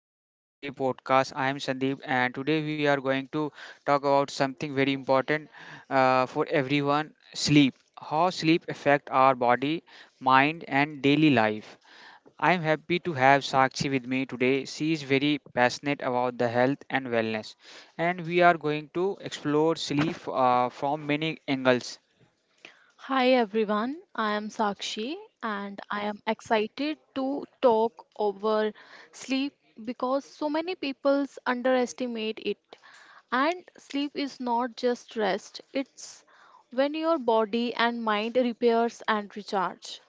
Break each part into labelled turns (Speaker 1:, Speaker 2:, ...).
Speaker 1: to the today podcast. I am Sandeep, and today we are going to talk about something very important for everyone: sleep. How sleep affect our body, mind, and daily life. I am happy to have Sakshi with me today. She is very passionate about the health and wellness, and we are going to explore sleep from many angles.
Speaker 2: Hi everyone, I am Sakshi and I am excited to talk over sleep because so many people underestimate it. And sleep is not just rest, it's when your body and mind repairs and recharge.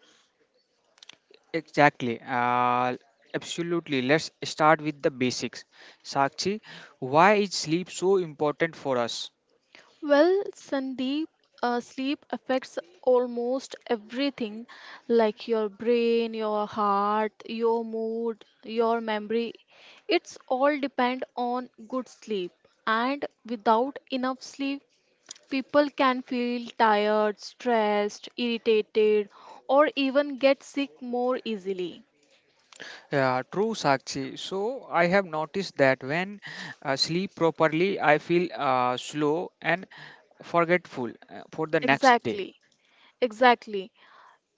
Speaker 1: Exactly. Absolutely. Let's start with the basics. Sakshi, why is sleep so important for us?
Speaker 2: Well, Sandeep, sleep affects almost everything like your brain, your heart, your mood, your memory. It's all depend on good sleep. And without enough sleep, people can feel tired, stressed, irritated, or even get sick more easily.
Speaker 1: Yeah, true, Sakshi. So I have noticed that when I sleep properly, I feel slow and forgetful for the next day.
Speaker 2: Exactly, exactly.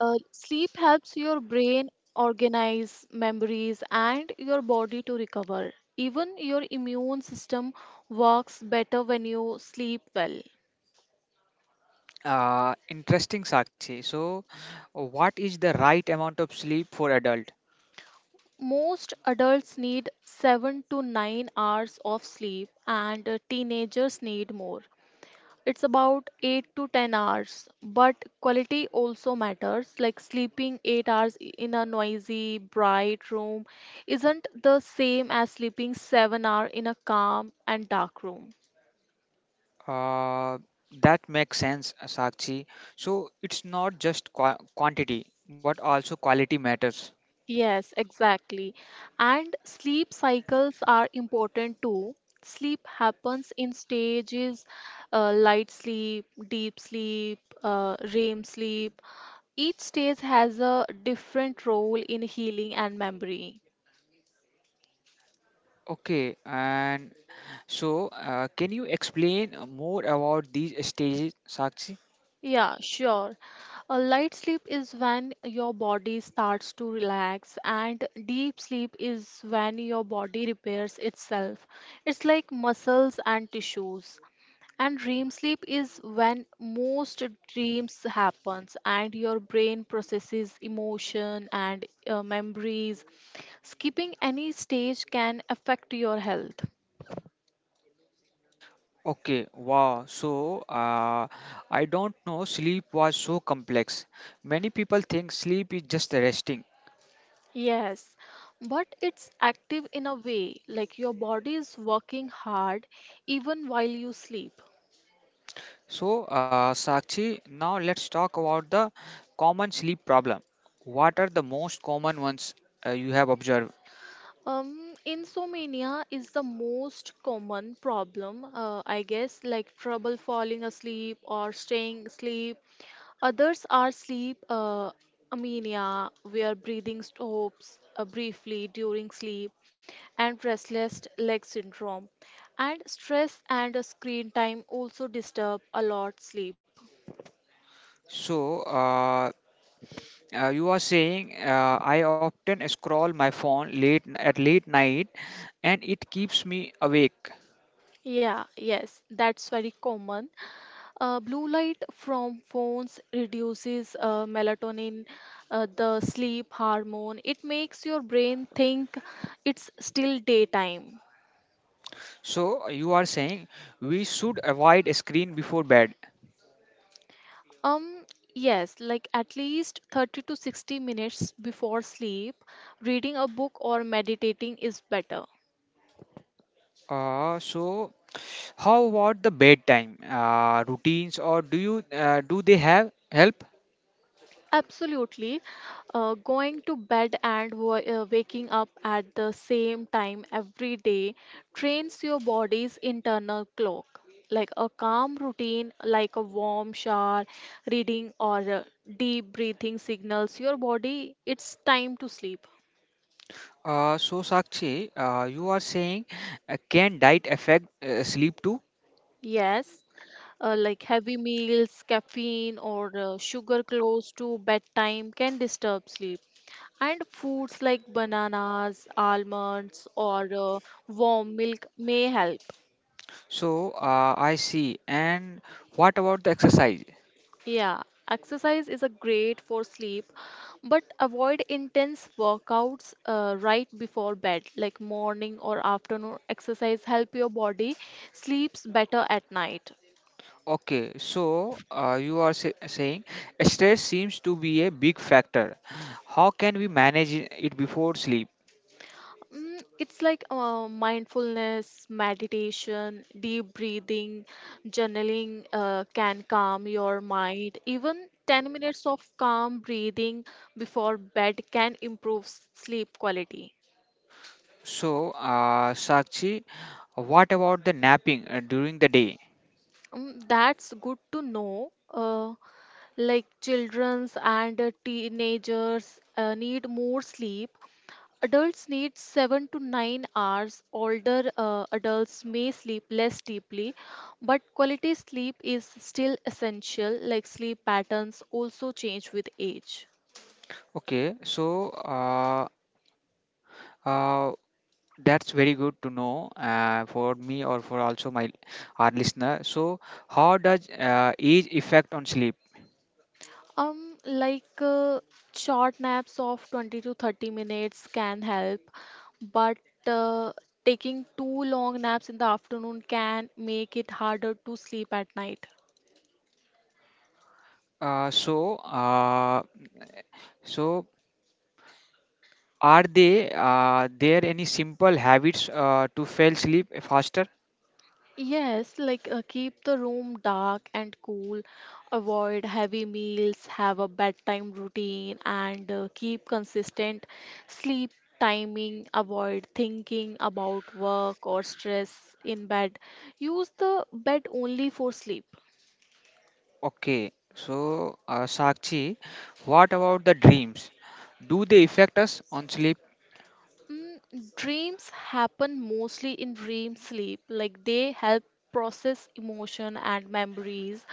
Speaker 2: Sleep helps your brain organize memories and your body to recover. Even your immune system works better when you sleep well.
Speaker 1: Interesting, Sakshi. So, what is the right amount of sleep for adult?
Speaker 2: Most adults need 7 to 9 hours of sleep, and teenagers need more. It's about 8 to 10 hours, but quality also matters. Like sleeping 8 hours in a noisy, bright room isn't the same as sleeping 7 hours in a calm and dark room.
Speaker 1: Uh, that makes sense, Sakshi. So it's not just quantity, but also quality matters.
Speaker 2: Yes, exactly. And sleep cycles are important too. Sleep happens in stages light sleep, deep sleep, REM sleep. Each stage has a different role in healing and memory.
Speaker 1: Okay, and so can you explain more about these stages, Sakshi?
Speaker 2: Yeah, sure. A light sleep is when your body starts to relax, and deep sleep is when your body repairs itself. It's like muscles and tissues. And dream sleep is when most dreams happens and your brain processes emotion and memories. Skipping any stage can affect your health.
Speaker 1: Okay, wow. So I don't know sleep was so complex. Many people think sleep is just resting.
Speaker 2: Yes, but it's active in a way, like your body is working hard even while you sleep.
Speaker 1: So Sakshi, now let's talk about the common sleep problem. What are the most common ones you have observed?
Speaker 2: Insomnia is the most common problem, I guess, like trouble falling asleep or staying asleep. Others are sleep amenia, where breathing stops briefly during sleep, and restless leg syndrome. And stress and screen time also disturb a lot sleep.
Speaker 1: So, uh, you are saying I often scroll my phone late night and it keeps me awake.
Speaker 2: Yeah, yes, that's very common. Blue light from phones reduces melatonin, the sleep hormone. It makes your brain think it's still daytime.
Speaker 1: So, you are saying we should avoid screen before bed.
Speaker 2: Um, yes, like at least 30 to 60 minutes before sleep, reading a book or meditating is better.
Speaker 1: So, how about the bedtime routines or do they have help?
Speaker 2: Absolutely. Going to bed and waking up at the same time every day trains your body's internal clock. Like a calm routine, like a warm shower, reading, or deep breathing signals your body it's time to sleep.
Speaker 1: So, Sakshi, you are saying can diet affect sleep too?
Speaker 2: Yes, like heavy meals, caffeine, or sugar close to bedtime can disturb sleep. And foods like bananas, almonds, or warm milk may help.
Speaker 1: So, I see. And what about the exercise?
Speaker 2: Yeah, exercise is a great for sleep, but avoid intense workouts right before bed, like morning or afternoon exercise help your body sleeps better at night.
Speaker 1: Okay, so saying stress seems to be a big factor. How can we manage it before sleep?
Speaker 2: Mm, it's like mindfulness, meditation, deep breathing, journaling can calm your mind. Even 10 minutes of calm breathing before bed can improve sleep quality.
Speaker 1: So, Sakshi, what about the napping during the day?
Speaker 2: Mm, that's good to know. Like children's and teenagers need more sleep. Adults need 7 to 9 hours. Older adults may sleep less deeply, but quality sleep is still essential, like sleep patterns also change with age.
Speaker 1: Okay, so uh, uh, that's very good to know for me or for also my our listener. So, how does age affect on sleep?
Speaker 2: Like short naps of 20 to 30 minutes can help, but uh, taking too long naps in the afternoon can make it harder to sleep at night.
Speaker 1: Uh, so, uh, so Are they there any simple habits to fall sleep faster?
Speaker 2: Yes, like keep the room dark and cool, avoid heavy meals, have a bedtime routine, and keep consistent sleep timing, avoid thinking about work or stress in bed. Use the bed only for sleep.
Speaker 1: Okay, so Sakshi, what about the dreams? Do they affect us on sleep?
Speaker 2: Mm, dreams happen mostly in dream sleep, like they help process emotion and memories.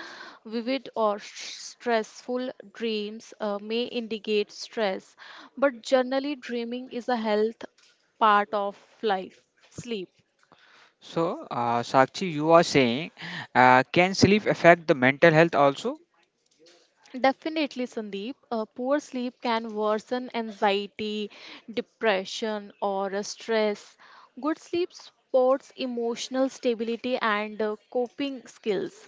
Speaker 2: Vivid or stressful dreams may indicate stress, but generally, dreaming is a health part of life, sleep.
Speaker 1: So Sakshi, you are saying can sleep affect the mental health also?
Speaker 2: Definitely, Sandeep. Poor sleep can worsen anxiety, depression, or stress. Good sleep supports emotional stability and coping skills.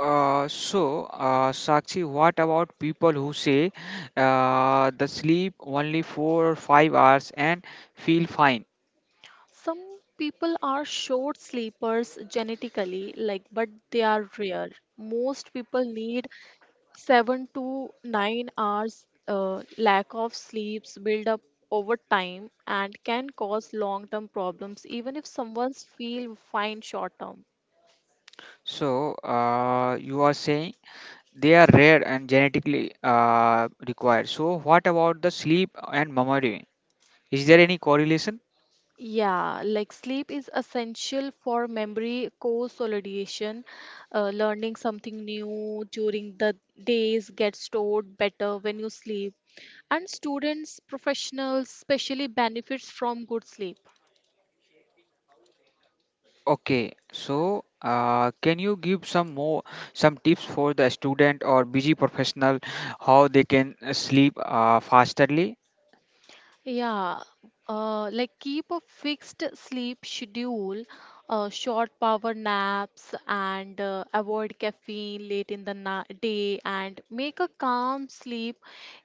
Speaker 1: Sakshi, what about people who say the sleep only 4 or 5 hours and feel fine?
Speaker 2: Some people are short sleepers genetically, like, but they are rare. Most people need 7 to 9 hours. Lack of sleeps build up over time and can cause long-term problems, even if someone's feel fine short-term.
Speaker 1: So you are saying they are rare and genetically required. So, what about the sleep and memory? Is there any correlation?
Speaker 2: Yeah, like sleep is essential for memory consolidation. Learning something new during the days gets stored better when you sleep. And students, professionals, especially benefits from good sleep.
Speaker 1: Okay, so can you give some tips for the student or busy professional how they can sleep fasterly?
Speaker 2: Yeah, like keep a fixed sleep schedule, short power naps, and avoid caffeine late in the na day, and make a calm sleep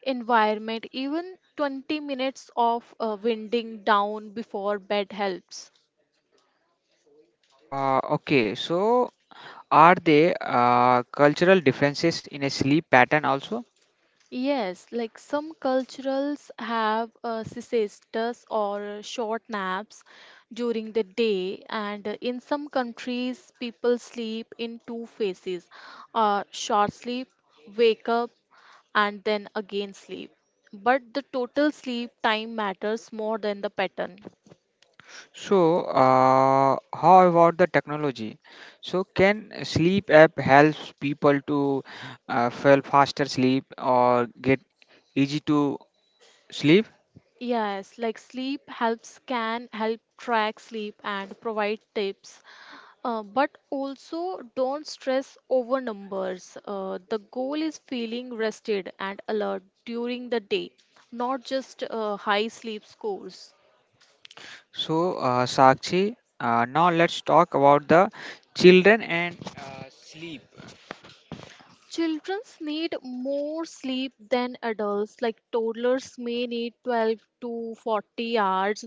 Speaker 2: environment. Even 20 minutes of winding down before bed helps.
Speaker 1: Okay, so are there cultural differences in a sleep pattern also?
Speaker 2: Yes, like some cultures have siestas or short naps during the day, and in some countries, people sleep in two phases short sleep, wake up, and then again sleep. But the total sleep time matters more than the pattern.
Speaker 1: So, how about the technology? So, can sleep app helps people to fall faster sleep or get easy to sleep?
Speaker 2: Yes, like sleep helps can help track sleep and provide tips. But also don't stress over numbers. The goal is feeling rested and alert during the day, not just high sleep scores.
Speaker 1: So, Sakshi, now let's talk about the children and sleep.
Speaker 2: Children need more sleep than adults, like toddlers may need 12 to 40 hours,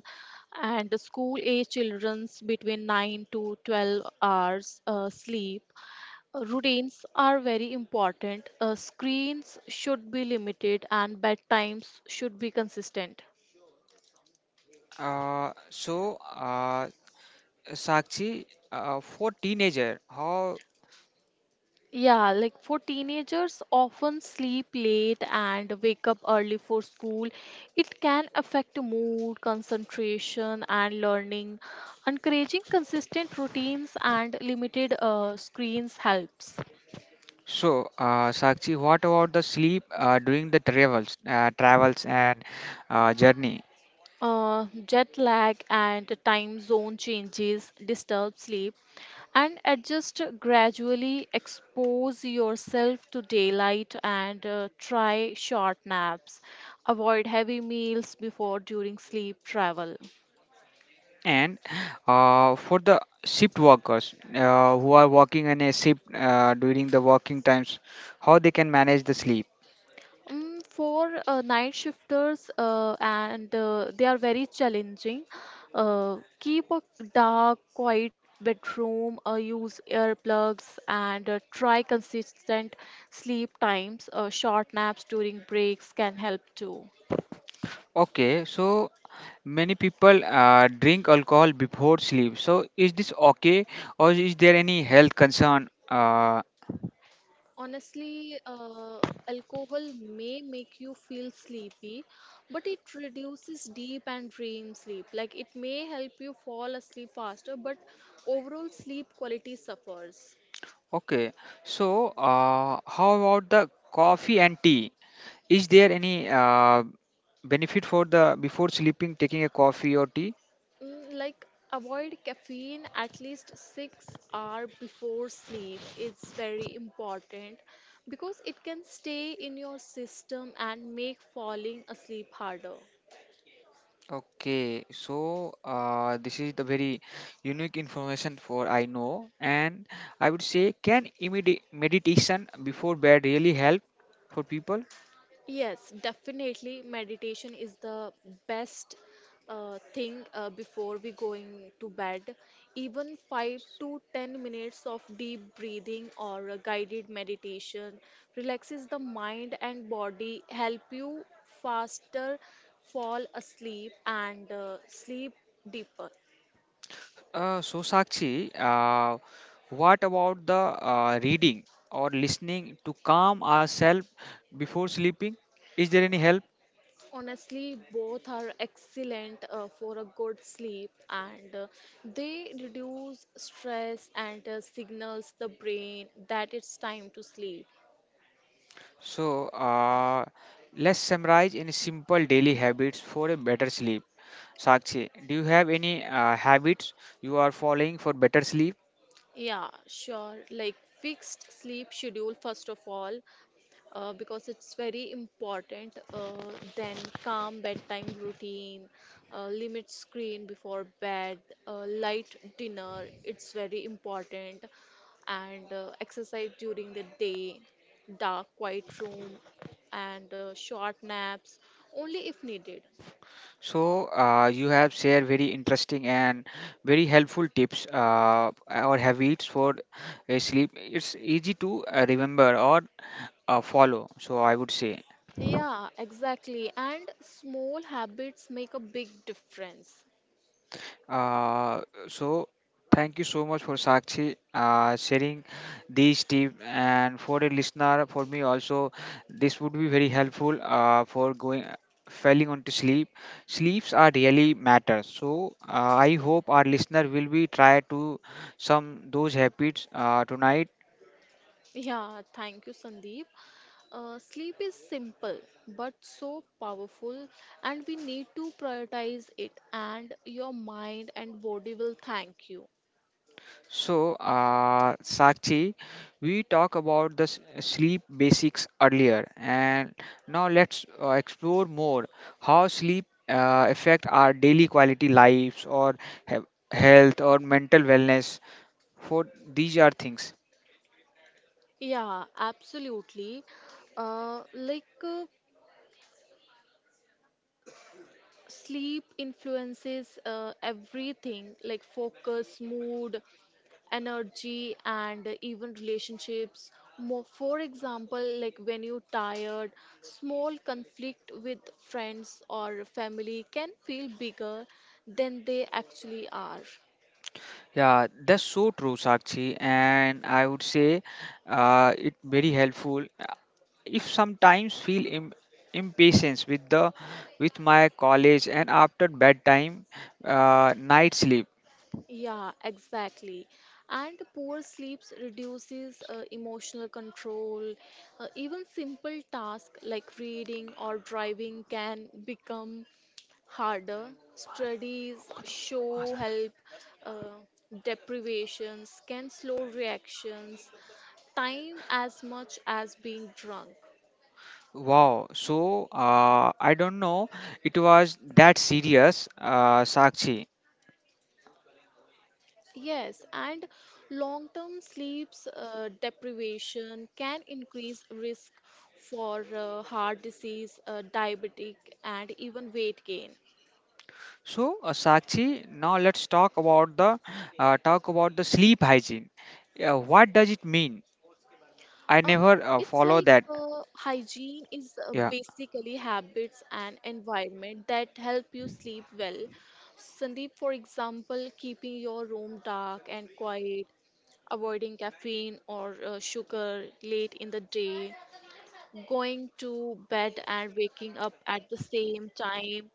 Speaker 2: and school age children's between 9 to 12 hours sleep. Routines are very important. Screens should be limited and bedtimes should be consistent.
Speaker 1: Uh, so, uh, Sakshi, for teenager, how?
Speaker 2: Yeah, like for teenagers, often sleep late and wake up early for school. It can affect mood, concentration, and learning. Encouraging consistent routines and limited screens helps.
Speaker 1: So, Sakshi, what about the sleep during the travels and journey?
Speaker 2: Jet lag and time zone changes disturb sleep and adjust gradually expose yourself to daylight and try short naps avoid heavy meals before during sleep travel.
Speaker 1: And for the shift workers who are working in a shift during the working times, how they can manage the sleep?
Speaker 2: For night shifters, and they are very challenging. Keep a dark, quiet bedroom, use earplugs, and try consistent sleep times. Short naps during breaks can help too.
Speaker 1: Okay, so many people drink alcohol before sleep. So is this okay, or is there any health concern?
Speaker 2: Honestly, alcohol may make you feel sleepy, but it reduces deep and dream sleep. Like it may help you fall asleep faster, but overall sleep quality suffers.
Speaker 1: Okay, so how about the coffee and tea? Is there any benefit for the before sleeping taking a coffee or tea?
Speaker 2: Mm, like avoid caffeine at least 6 hour before sleep, it's very important because it can stay in your system and make falling asleep harder.
Speaker 1: Okay, so this is the very unique information for I know, and I would say, can meditation before bed really help for people?
Speaker 2: Yes, definitely. Meditation is the best thing before we going to bed. Even 5 to 10 minutes of deep breathing or a guided meditation relaxes the mind and body, help you faster fall asleep and sleep deeper.
Speaker 1: So Sakshi, what about the reading or listening to calm ourselves before sleeping? Is there any help?
Speaker 2: Honestly, both are excellent for a good sleep, and they reduce stress and signals the brain that it's time to sleep.
Speaker 1: So let's summarize in simple daily habits for a better sleep. Sakshi, do you have any habits you are following for better sleep?
Speaker 2: Yeah, sure. Like fixed sleep schedule, first of all, because it's very important, then calm bedtime routine, limit screen before bed, light dinner it's very important, and exercise during the day, dark quiet room, and short naps only if needed.
Speaker 1: So, you have shared very interesting and very helpful tips or habits for sleep. It's easy to remember or follow. So, I would say.
Speaker 2: Yeah, exactly, and small habits make a big difference.
Speaker 1: Uh, so thank you so much for Sakshi sharing these tips and for a listener for me also this would be very helpful for going falling onto sleep. Sleeps are really matter, so I hope our listener will be try to some those habits tonight.
Speaker 2: Yeah, thank you, Sandeep. Sleep is simple but so powerful, and we need to prioritize it, and your mind and body will thank you.
Speaker 1: So, Sakshi, we talked about the sleep basics earlier, and now let's explore more how sleep affect our daily quality lives or he- health or mental wellness. For these are things.
Speaker 2: Yeah, absolutely. Like sleep influences everything, like focus, mood, energy, and even relationships more. For example, like when you're tired, small conflict with friends or family can feel bigger than they actually are.
Speaker 1: Yeah, that's so true, Sakshi, and I would say it very helpful. If sometimes feel impatience with the with my college and after bedtime night sleep.
Speaker 2: Yeah, exactly, and poor sleeps reduces emotional control. Even simple tasks like reading or driving can become harder. Studies show help uh, deprivations can slow reactions, time as much as being drunk.
Speaker 1: Wow, so I don't know it was that serious, sakshi.
Speaker 2: Yes, and long term sleeps deprivation can increase risk for heart disease, diabetic, and even weight gain.
Speaker 1: So sakshi, now let's talk about the sleep hygiene. What does it mean? I
Speaker 2: Um,
Speaker 1: never
Speaker 2: it's
Speaker 1: follow
Speaker 2: like
Speaker 1: that.
Speaker 2: hygiene is
Speaker 1: Yeah.
Speaker 2: basically habits and environment that help you sleep well. Sandeep, for example, keeping your room dark and quiet, avoiding caffeine or sugar late in the day, going to bed and waking up at the same time,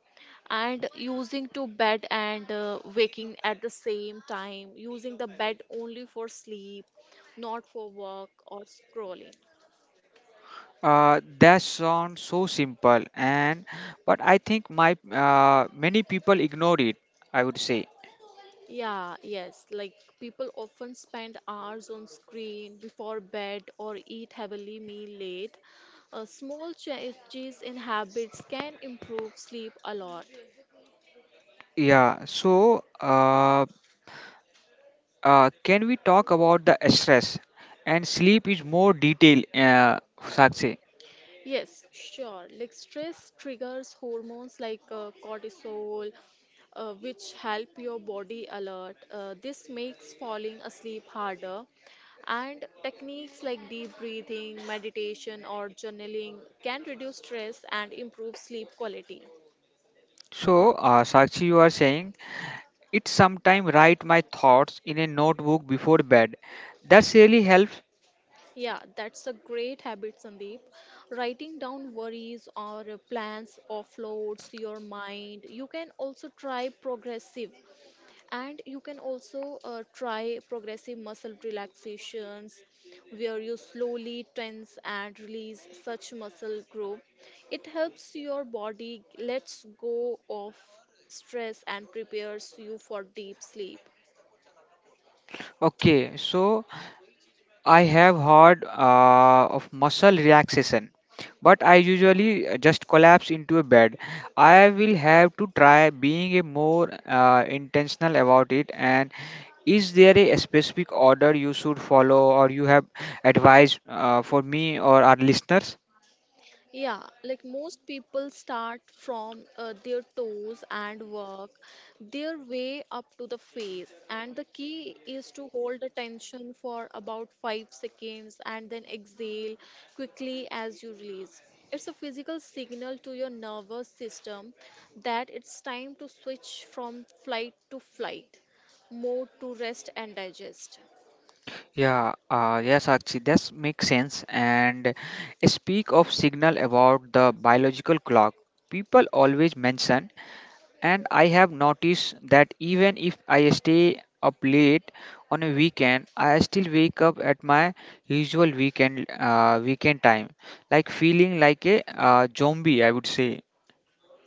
Speaker 2: and using to bed and waking at the same time, using the bed only for sleep, not for work or scrolling.
Speaker 1: That sounds so simple, and but I think my many people ignore it. I would say,
Speaker 2: Yeah, yes. Like people often spend hours on screen before bed or eat heavily meal late. Small changes in habits can improve sleep a lot.
Speaker 1: yeah. So, can we talk about the stress and sleep is more detail, Sakshi?
Speaker 2: Yes, sure. Like stress triggers hormones like cortisol, which help your body alert. This makes falling asleep harder. And techniques like deep breathing, meditation, or journaling can reduce stress and improve sleep quality.
Speaker 1: So, Sakshi, you are saying it sometime write my thoughts in a notebook before bed. That's really helps.
Speaker 2: Yeah, that's a great habit, Sandeep. Writing down worries or plans offloads your mind. You can also try progressive muscle relaxations where you slowly tense and release such muscle group. It helps your body lets go of stress and prepares you for deep sleep.
Speaker 1: Okay, so I have heard of muscle relaxation, but I usually just collapse into a bed. I will have to try being a more intentional about it. And is there a specific order you should follow, or you have advice for me or our listeners?
Speaker 2: Yeah, like most people start from their toes and work their way up to the face. And the key is to hold the tension for about 5 seconds and then exhale quickly as you release. It's a physical signal to your nervous system that it's time to switch from flight to flight, mode to rest and digest.
Speaker 1: Yeah, yes, actually, that makes sense. And speak of signal about the biological clock. People always mention. And I have noticed that even if I stay up late on a weekend, I still wake up at my usual weekend time, like feeling like a zombie, I would say.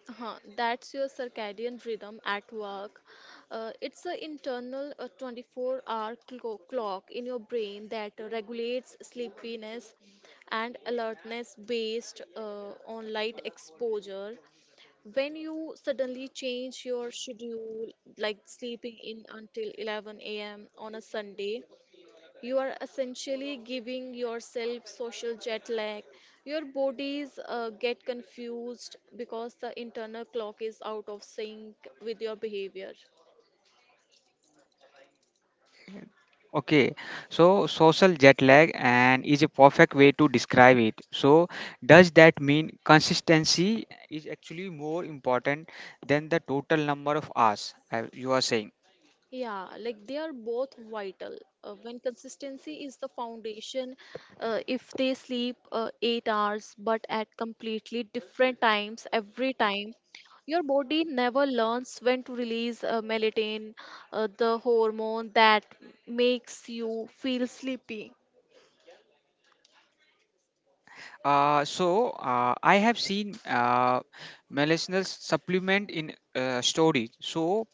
Speaker 2: Huh, that's your circadian rhythm at work. It's an internal 24-hour clock in your brain that regulates sleepiness and alertness based on light exposure. When you suddenly change your schedule, like sleeping in until 11 a.m. on a Sunday, you are essentially giving yourself social jet lag. Your bodies get confused because the internal clock is out of sync with your behavior.
Speaker 1: Okay, so social jet lag and is a perfect way to describe it. So does that mean consistency is actually more important than the total number of hours you are saying?
Speaker 2: Yeah, like they are both vital. When consistency is the foundation, if they sleep 8 hours but at completely different times every time, your body never learns when to release melatonin, the hormone that makes you feel sleepy.
Speaker 1: I have seen medicinal supplement in storage. So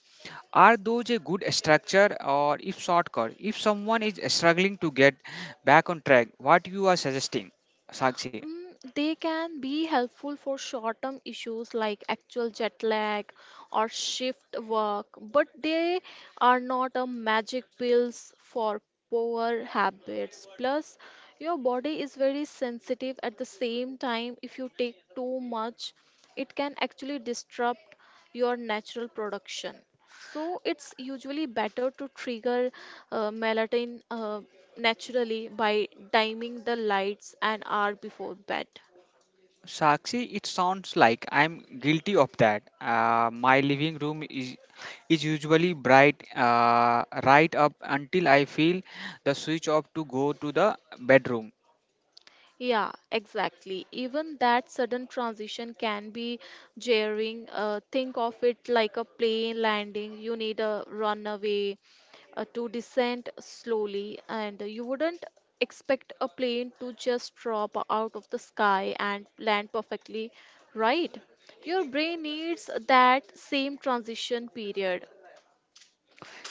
Speaker 1: are those a good structure or if shortcut? If someone is struggling to get back on track, what you are suggesting, Sakshi?
Speaker 2: Mm, they can be helpful for short term issues like actual jet lag or shift work, but they are not a magic pills for poor habits. Plus, your body is very sensitive at the same time. If you take too much, it can actually disrupt your natural production. So it's usually better to trigger melatonin naturally by timing the lights an hour before bed.
Speaker 1: Sakshi, it sounds like I'm guilty of that. My living room is usually bright right up until I feel the switch off to go to the bedroom.
Speaker 2: Yeah, exactly. Even that sudden transition can be jarring. Think of it like a plane landing. You need a runway to descend slowly, and you wouldn't expect a plane to just drop out of the sky and land perfectly, right? Your brain needs that same transition period.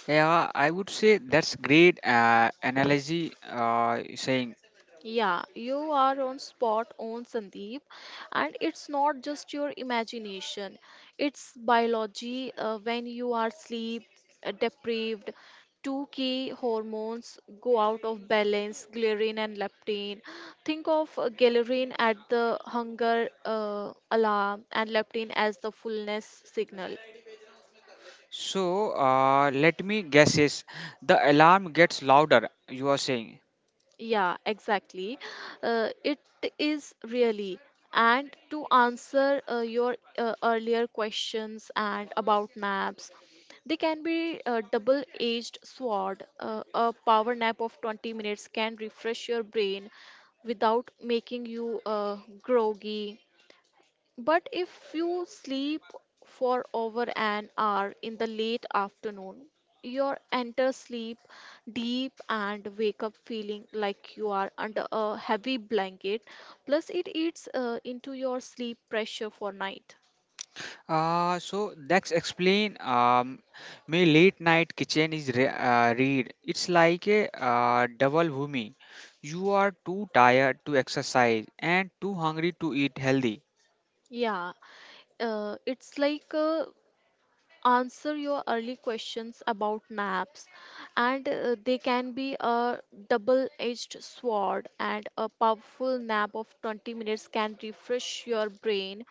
Speaker 1: Yeah, I would say that's great analogy you're saying.
Speaker 2: Yeah, you are on spot on, Sandeep, and it's not just your imagination, it's biology. When you are sleep deprived, two key hormones go out of balance, ghrelin and leptin. Think of ghrelin at the hunger alarm and leptin as the fullness signal.
Speaker 1: So let me guess, is the alarm gets louder, you are saying.
Speaker 2: Yeah, exactly. It is really. And to answer your earlier questions and about naps, they can be a double-edged sword. A power nap of 20 minutes can refresh your brain without making you groggy, but if you sleep for over an hour in the late afternoon, you enter sleep deep and wake up feeling like you are under a heavy blanket. Plus, it eats into your sleep pressure for night.
Speaker 1: So that's explain my late night kitchen is re read. It's like a double whammy. You are too tired to exercise and too hungry to eat healthy.
Speaker 2: Yeah, it's like, answer your early questions about maps, and they can be a double-edged sword, and a powerful nap of 20 minutes can refresh your brain,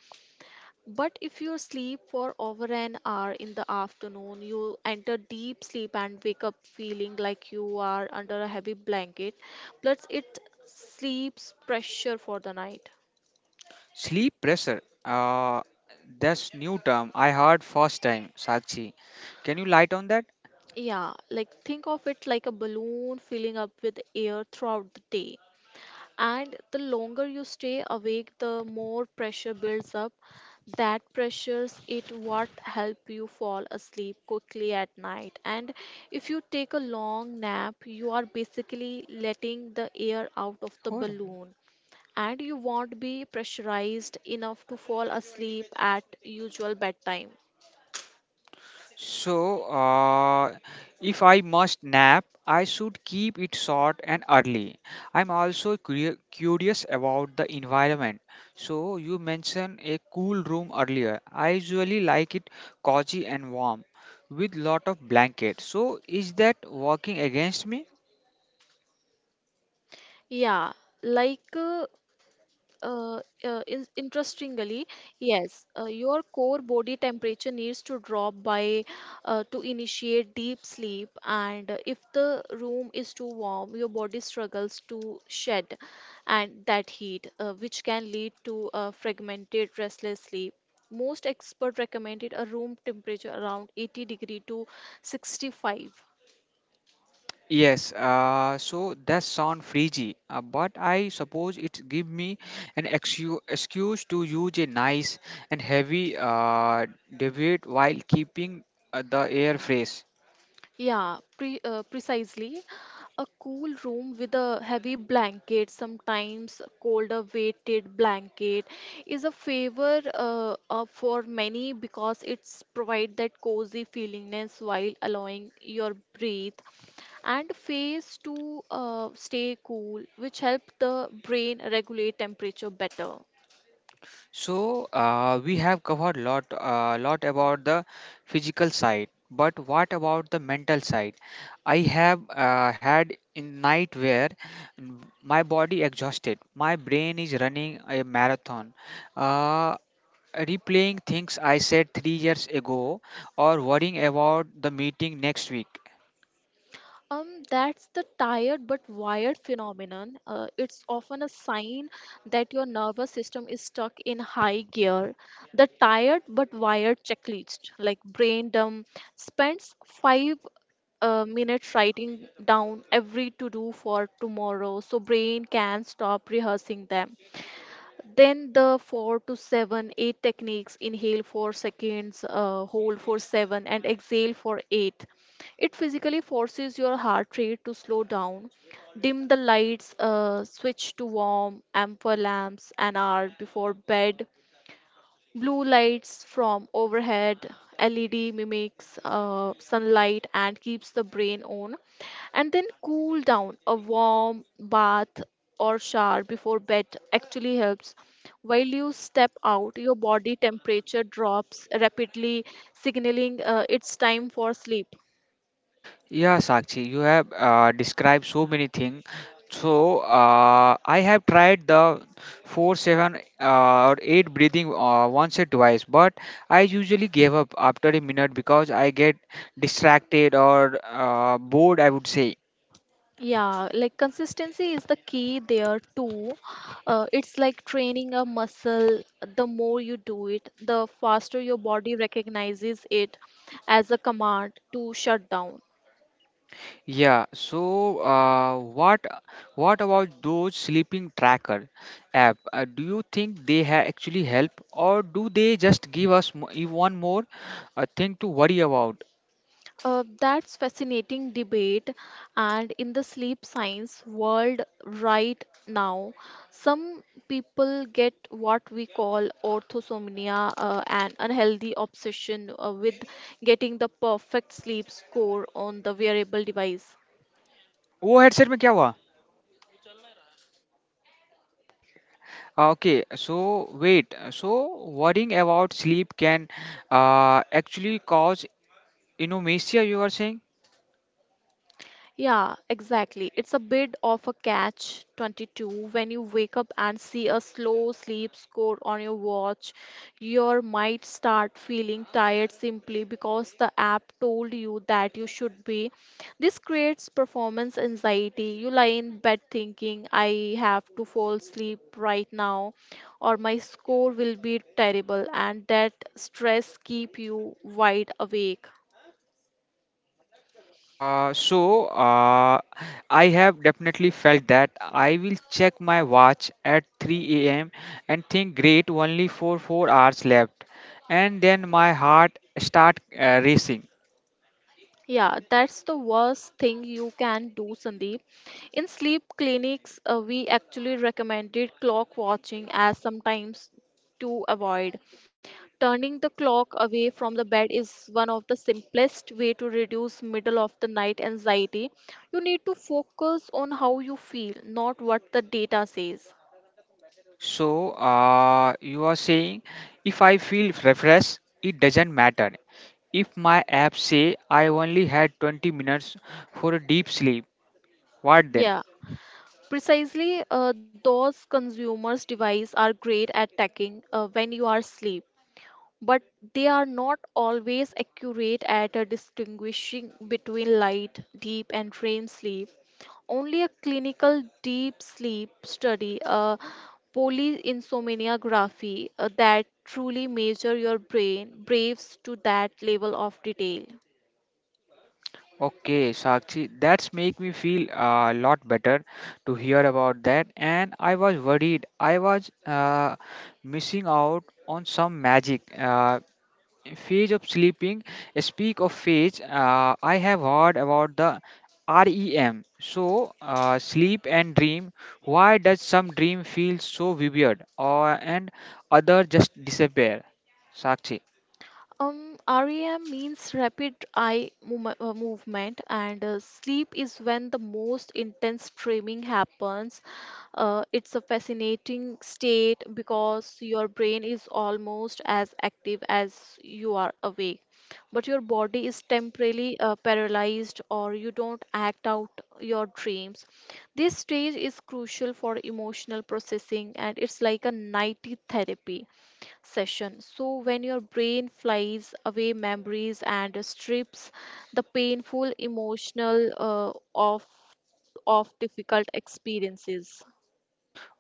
Speaker 2: but if you sleep for over an hour in the afternoon, you enter deep sleep and wake up feeling like you are under a heavy blanket, plus it sleeps pressure for the night.
Speaker 1: Sleep pressure. That's new term I heard first time, Sakshi. Can you light on that?
Speaker 2: Yeah, like think of it like a balloon filling up with air throughout the day. And the longer you stay awake, the more pressure builds up. That pressures it what help you fall asleep quickly at night. And if you take a long nap, you are basically letting the air out of the
Speaker 1: Oh.
Speaker 2: balloon, and you won't be pressurized enough to fall asleep at usual bedtime.
Speaker 1: So, if I must nap, I should keep it short and early. I'm also curious about the environment. So, you mentioned a cool room earlier. I usually like it cozy and warm with lot of blankets. So, is that working against me?
Speaker 2: Yeah, like interestingly, yes, your core body temperature needs to drop by to initiate deep sleep, and if the room is too warm, your body struggles to shed and that heat, which can lead to a fragmented restless sleep. Most experts recommended a room temperature around 80 degree to 65.
Speaker 1: Yes, so that sound freaky, but I suppose it give me an excuse to use a nice and heavy debate while keeping the air fresh.
Speaker 2: Yeah, precisely. A cool room with a heavy blanket, sometimes colder weighted blanket, is a favor for many because it's provide that cozy feelingness while allowing your breath and face to stay cool, which help the brain regulate temperature better.
Speaker 1: So we have covered lot about the physical side, but what about the mental side? I have had in night where my body exhausted, my brain is running a marathon. Uh, replaying things I said 3 years ago or worrying about the meeting next week.
Speaker 2: That's the tired but wired phenomenon. It's often a sign that your nervous system is stuck in high gear. The tired but wired checklist, like brain dump, spends five minutes writing down every to do for tomorrow so brain can stop rehearsing them, then the four to seven, eight techniques, inhale for seconds, hold for seven, and exhale for eight. It physically forces your heart rate to slow down. Dim the lights, switch to warm, amber lamps an hour before bed. Blue lights from overhead, LED mimics sunlight and keeps the brain on. And then cool down. A warm bath or shower before bed actually helps. While you step out, your body temperature drops rapidly, signaling it's time for sleep.
Speaker 1: Yeah, Sakshi, you have described so many things. So I have tried the four, seven, or eight breathing once or twice, but I usually gave up after a minute because I get distracted or bored, I would say.
Speaker 2: Yeah, like consistency is the key there too. It's like training a muscle. The more you do it, the faster your body recognizes it as a command to shut down.
Speaker 1: Yeah, so what about those sleeping tracker app? Do you think they ha actually help, or do they just give us one more thing to worry about?
Speaker 2: That's fascinating debate. And in the sleep science world right now, some people get what we call orthosomnia, an unhealthy obsession with getting the perfect sleep score on the wearable device.
Speaker 1: वो headset में क्या हुआ? So worrying about sleep can actually cause insomnia, you are saying?
Speaker 2: Yeah, exactly. It's a bit of a catch 22. When you wake up and see a slow sleep score on your watch, you might start feeling tired simply because the app told you that you should be. This creates performance anxiety. You lie in bed thinking, I have to fall asleep right now, or my score will be terrible, and that stress keep you wide awake.
Speaker 1: Uh, so uh, I have definitely felt that I will check my watch at 3 a.m. and think great, only for 4 hours left, and then my heart start racing.
Speaker 2: Yeah, that's the worst thing you can do, Sandeep. In sleep clinics, we actually recommended clock watching as sometimes to avoid. Turning the clock away from the bed is one of the simplest way to reduce middle of the night anxiety. You need to focus on how you feel, not what the data says.
Speaker 1: So you are saying if I feel refreshed it doesn't matter. If my app say I only had 20 minutes for a deep sleep, what then?
Speaker 2: Yeah, precisely. Those consumers' device are great at tracking when you are asleep, but they are not always accurate at distinguishing between light, deep, and REM sleep. Only a clinical deep sleep study, a polyinsomniography that truly measure your brain braves to that level of detail.
Speaker 1: Okay, Sakshi, that's make me feel a lot better to hear about that. And I was worried I was missing out on some magic phase of sleeping. Speak of phase, I have heard about the REM. So sleep and dream. Why does some dream feel so vivid, or and other just disappear? Sakshi.
Speaker 2: REM means rapid eye movement, and sleep is when the most intense dreaming happens. It's a fascinating state because your brain is almost as active as you are awake, but your body is temporarily paralyzed or you don't act out your dreams. This stage is crucial for emotional processing, and it's like a nighty therapy session. So, when your brain flies away memories and strips the painful emotional of difficult experiences.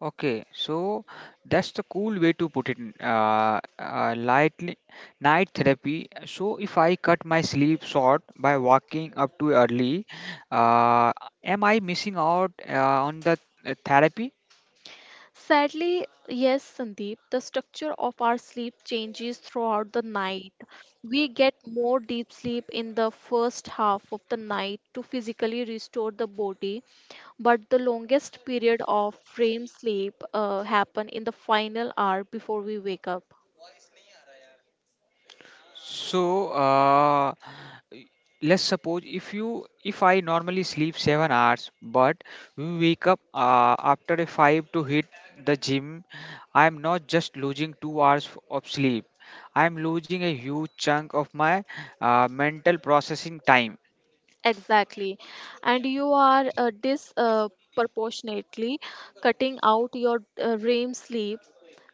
Speaker 1: Okay, so that's the cool way to put it. Lightly, night therapy. So if I cut my sleep short by waking up too early, uh, am I missing out on the therapy?
Speaker 2: Sadly, yes, Sandeep, the structure of our sleep changes throughout the night. We get more deep sleep in the first half of the night to physically restore the body, but the longest period of REM sleep happen in the final hour before we wake up.
Speaker 1: So, let's suppose if I normally sleep 7 hours, but we wake up after a five to hit the gym. I am not just losing 2 hours of sleep. I am losing a huge chunk of my mental processing time.
Speaker 2: Exactly. And you are disproportionately cutting out your REM sleep.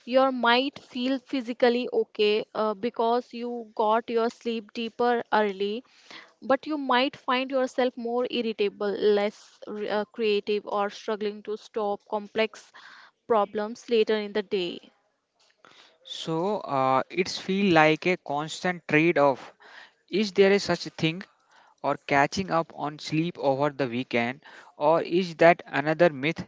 Speaker 2: You might feel physically okay because you got your sleep deeper early, but you might find yourself more irritable, less creative, or struggling to stop complex problems later in the day.
Speaker 1: So, it's feel like a constant trade-off. Is there a such thing or catching up on sleep over the weekend, or is that another myth?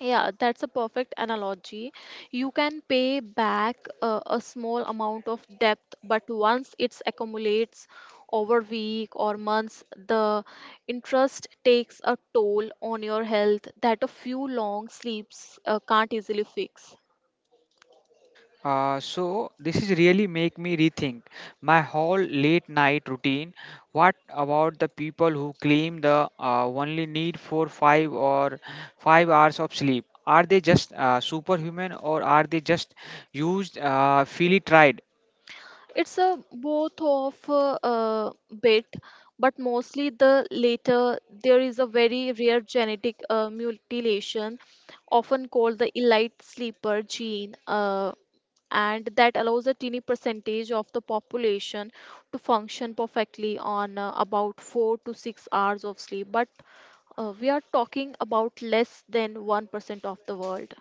Speaker 2: Yeah, that's a perfect analogy. You can pay back a small amount of debt, but once it accumulates over week or months, the interest takes a toll on your health that a few long sleeps can't easily fix.
Speaker 1: So this is really make me rethink my whole late night routine. What about the people who claim the only need for 5 or 5 hours of sleep? Are they just superhuman or are they just used fully tried?
Speaker 2: It's a both of bit, but mostly the later. There is a very rare genetic mutilation, often called the elite sleeper gene. And that allows a teeny percentage of the population to function perfectly on about 4 to 6 hours of sleep, but we are talking about less than 1% of the world.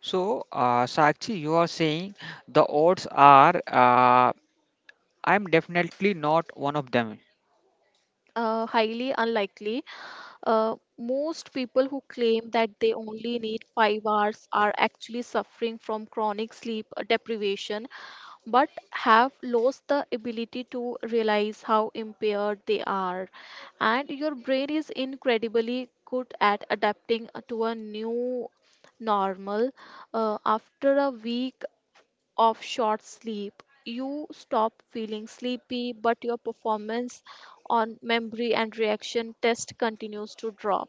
Speaker 1: So, Sakshi, you are saying the odds are, I'm definitely not one of them.
Speaker 2: Highly unlikely. Most people who claim that they only need 5 hours are actually suffering from chronic sleep deprivation, but have lost the ability to realize how impaired they are. And your brain is incredibly good at adapting to a new normal. After a week of short sleep, you stop feeling sleepy, but your performance on memory and reaction test continues to drop.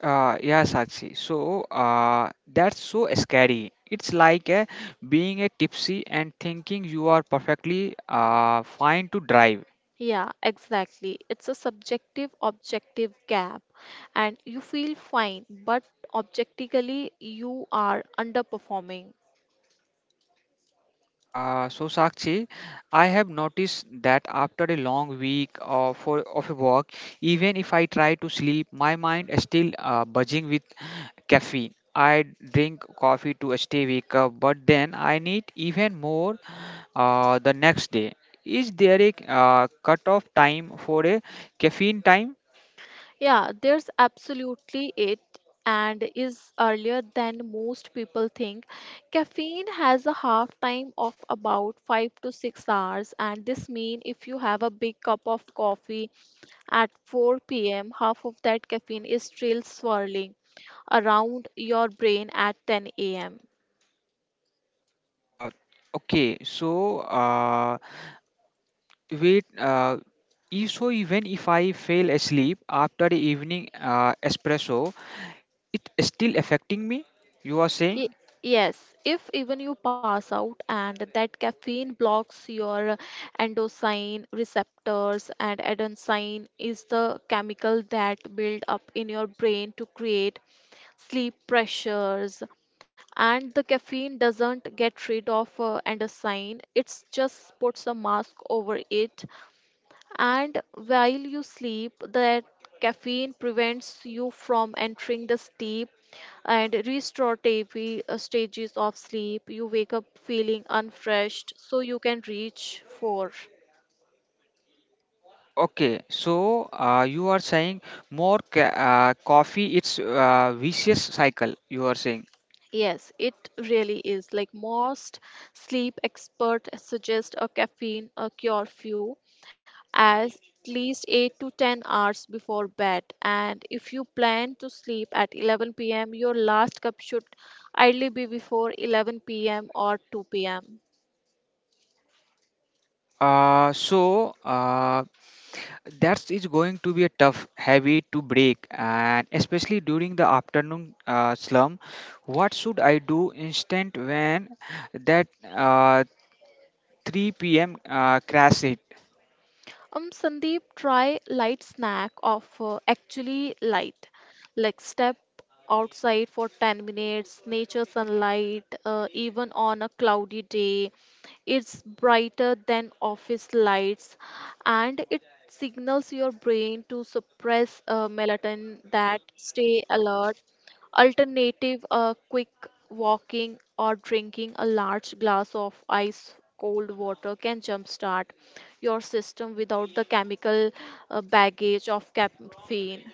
Speaker 1: Yeah, Sakshi. So that's so scary. It's like being a tipsy and thinking you are perfectly fine to drive.
Speaker 2: Yeah, exactly. It's a subjective objective gap, and you feel fine, but objectively, you are underperforming.
Speaker 1: So Sakshi, I have noticed that after a long week of a walk, even if I try to sleep, my mind is still buzzing with caffeine. I drink coffee to stay wake up, but then I need even more the next day. Is there a cutoff time for a caffeine time?
Speaker 2: Yeah, there's absolutely it, and is earlier than most people think. Caffeine has a half time of about 5 to 6 hours, and this means if you have a big cup of coffee at 4 p.m., half of that caffeine is still swirling around your brain at 10 a.m.
Speaker 1: Uh, okay, so. Wait, if so even if I fail asleep after the evening espresso, it still affecting me? You are saying?
Speaker 2: Y- Yes, if even you pass out, and that caffeine blocks your endocrine receptors, and adenosine is the chemical that build up in your brain to create sleep pressures, and the caffeine doesn't get rid of adenosine, it's just puts a mask over it, and while you sleep, that caffeine prevents you from entering the sleep and restorative stages of sleep. You wake up feeling unfreshed, so you can reach for.
Speaker 1: Okay, so you are saying more coffee, it's vicious cycle, you are saying.
Speaker 2: Yes, it really is. Like most sleep experts suggest a caffeine a cure few as least 8 to 10 hours before bed, and if you plan to sleep at 11 p.m., your last cup should ideally be before 11 p.m. or 2 p.m.
Speaker 1: Uh, so uh, that is going to be a tough habit to break, and especially during the afternoon slump. What should I do instant when that 3 p.m. Crash it.
Speaker 2: Sandeep, try light snack of actually light, like step outside for 10 minutes, nature sunlight, even on a cloudy day. It's brighter than office lights, and it signals your brain to suppress melatonin that stay alert. Alternative a quick walking or drinking a large glass of ice cold water can jumpstart your system without the chemical baggage of caffeine.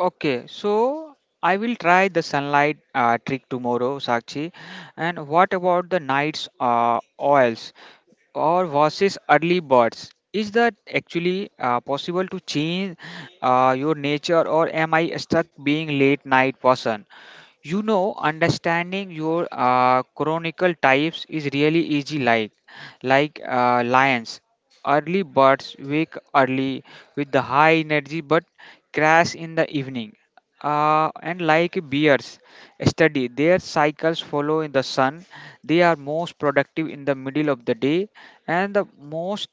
Speaker 1: Okay, so I will try the sunlight trick tomorrow, Sakshi. And what about the night's oils or versus early birds? Is that actually possible to change your nature, or am I stuck being late night person? You know, understanding your chronicle types is really easy. Like, lions, early birds wake early with the high energy, but crash in the evening. And like bears, study their cycles follow in the sun. They are most productive in the middle of the day and the most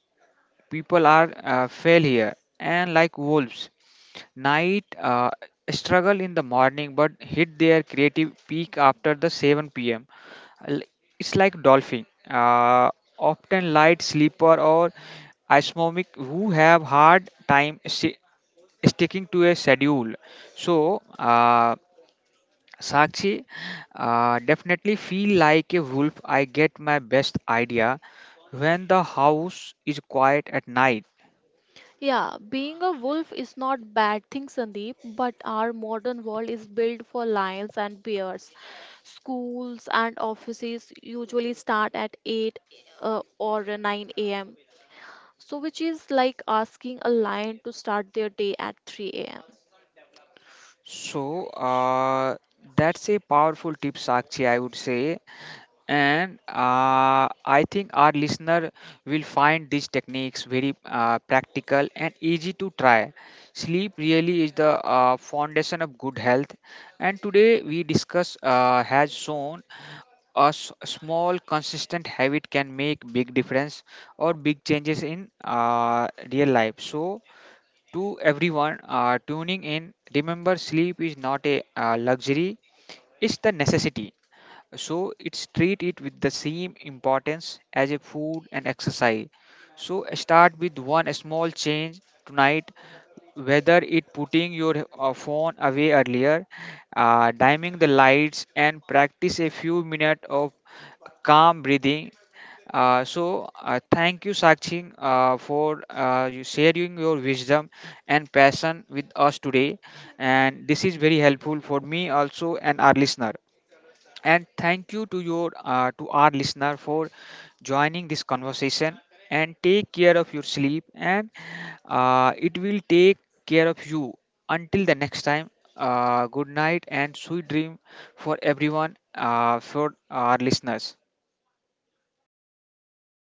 Speaker 1: people are fail here, and like wolves, night struggle in the morning but hit their creative peak after the 7 p.m. It's like dolphin, often light sleeper or isomic who have hard time sticking to a schedule. So Sakshi, definitely feel like a wolf. I get my best idea when the house is quiet at night.
Speaker 2: Yeah, being a wolf is not bad thing, Sandeep, but our modern world is built for lions and bears. Schools and offices usually start at 8 or 9 a.m. So, which is like asking a lion to start their day at 3 a.m.
Speaker 1: So, that's a powerful tip, Sakshi, I would say. And I think our listener will find these techniques very practical and easy to try. Sleep really is the foundation of good health. And today we discuss has shown a small consistent habit can make big difference or big changes in real life. So, to everyone tuning in. Remember, sleep is not a luxury, it's the necessity. So, it's treat it with the same importance as a food and exercise. So, start with one small change tonight, whether it putting your phone away earlier, dimming the lights, and practice a few minutes of calm breathing. Thank you, Sakshi, for you sharing your wisdom and passion with us today, and this is very helpful for me also and our listener. And thank you to our listener for joining this conversation, and take care of your sleep and it will take care of you. Until the next time, good night and sweet dream for everyone, for our listeners.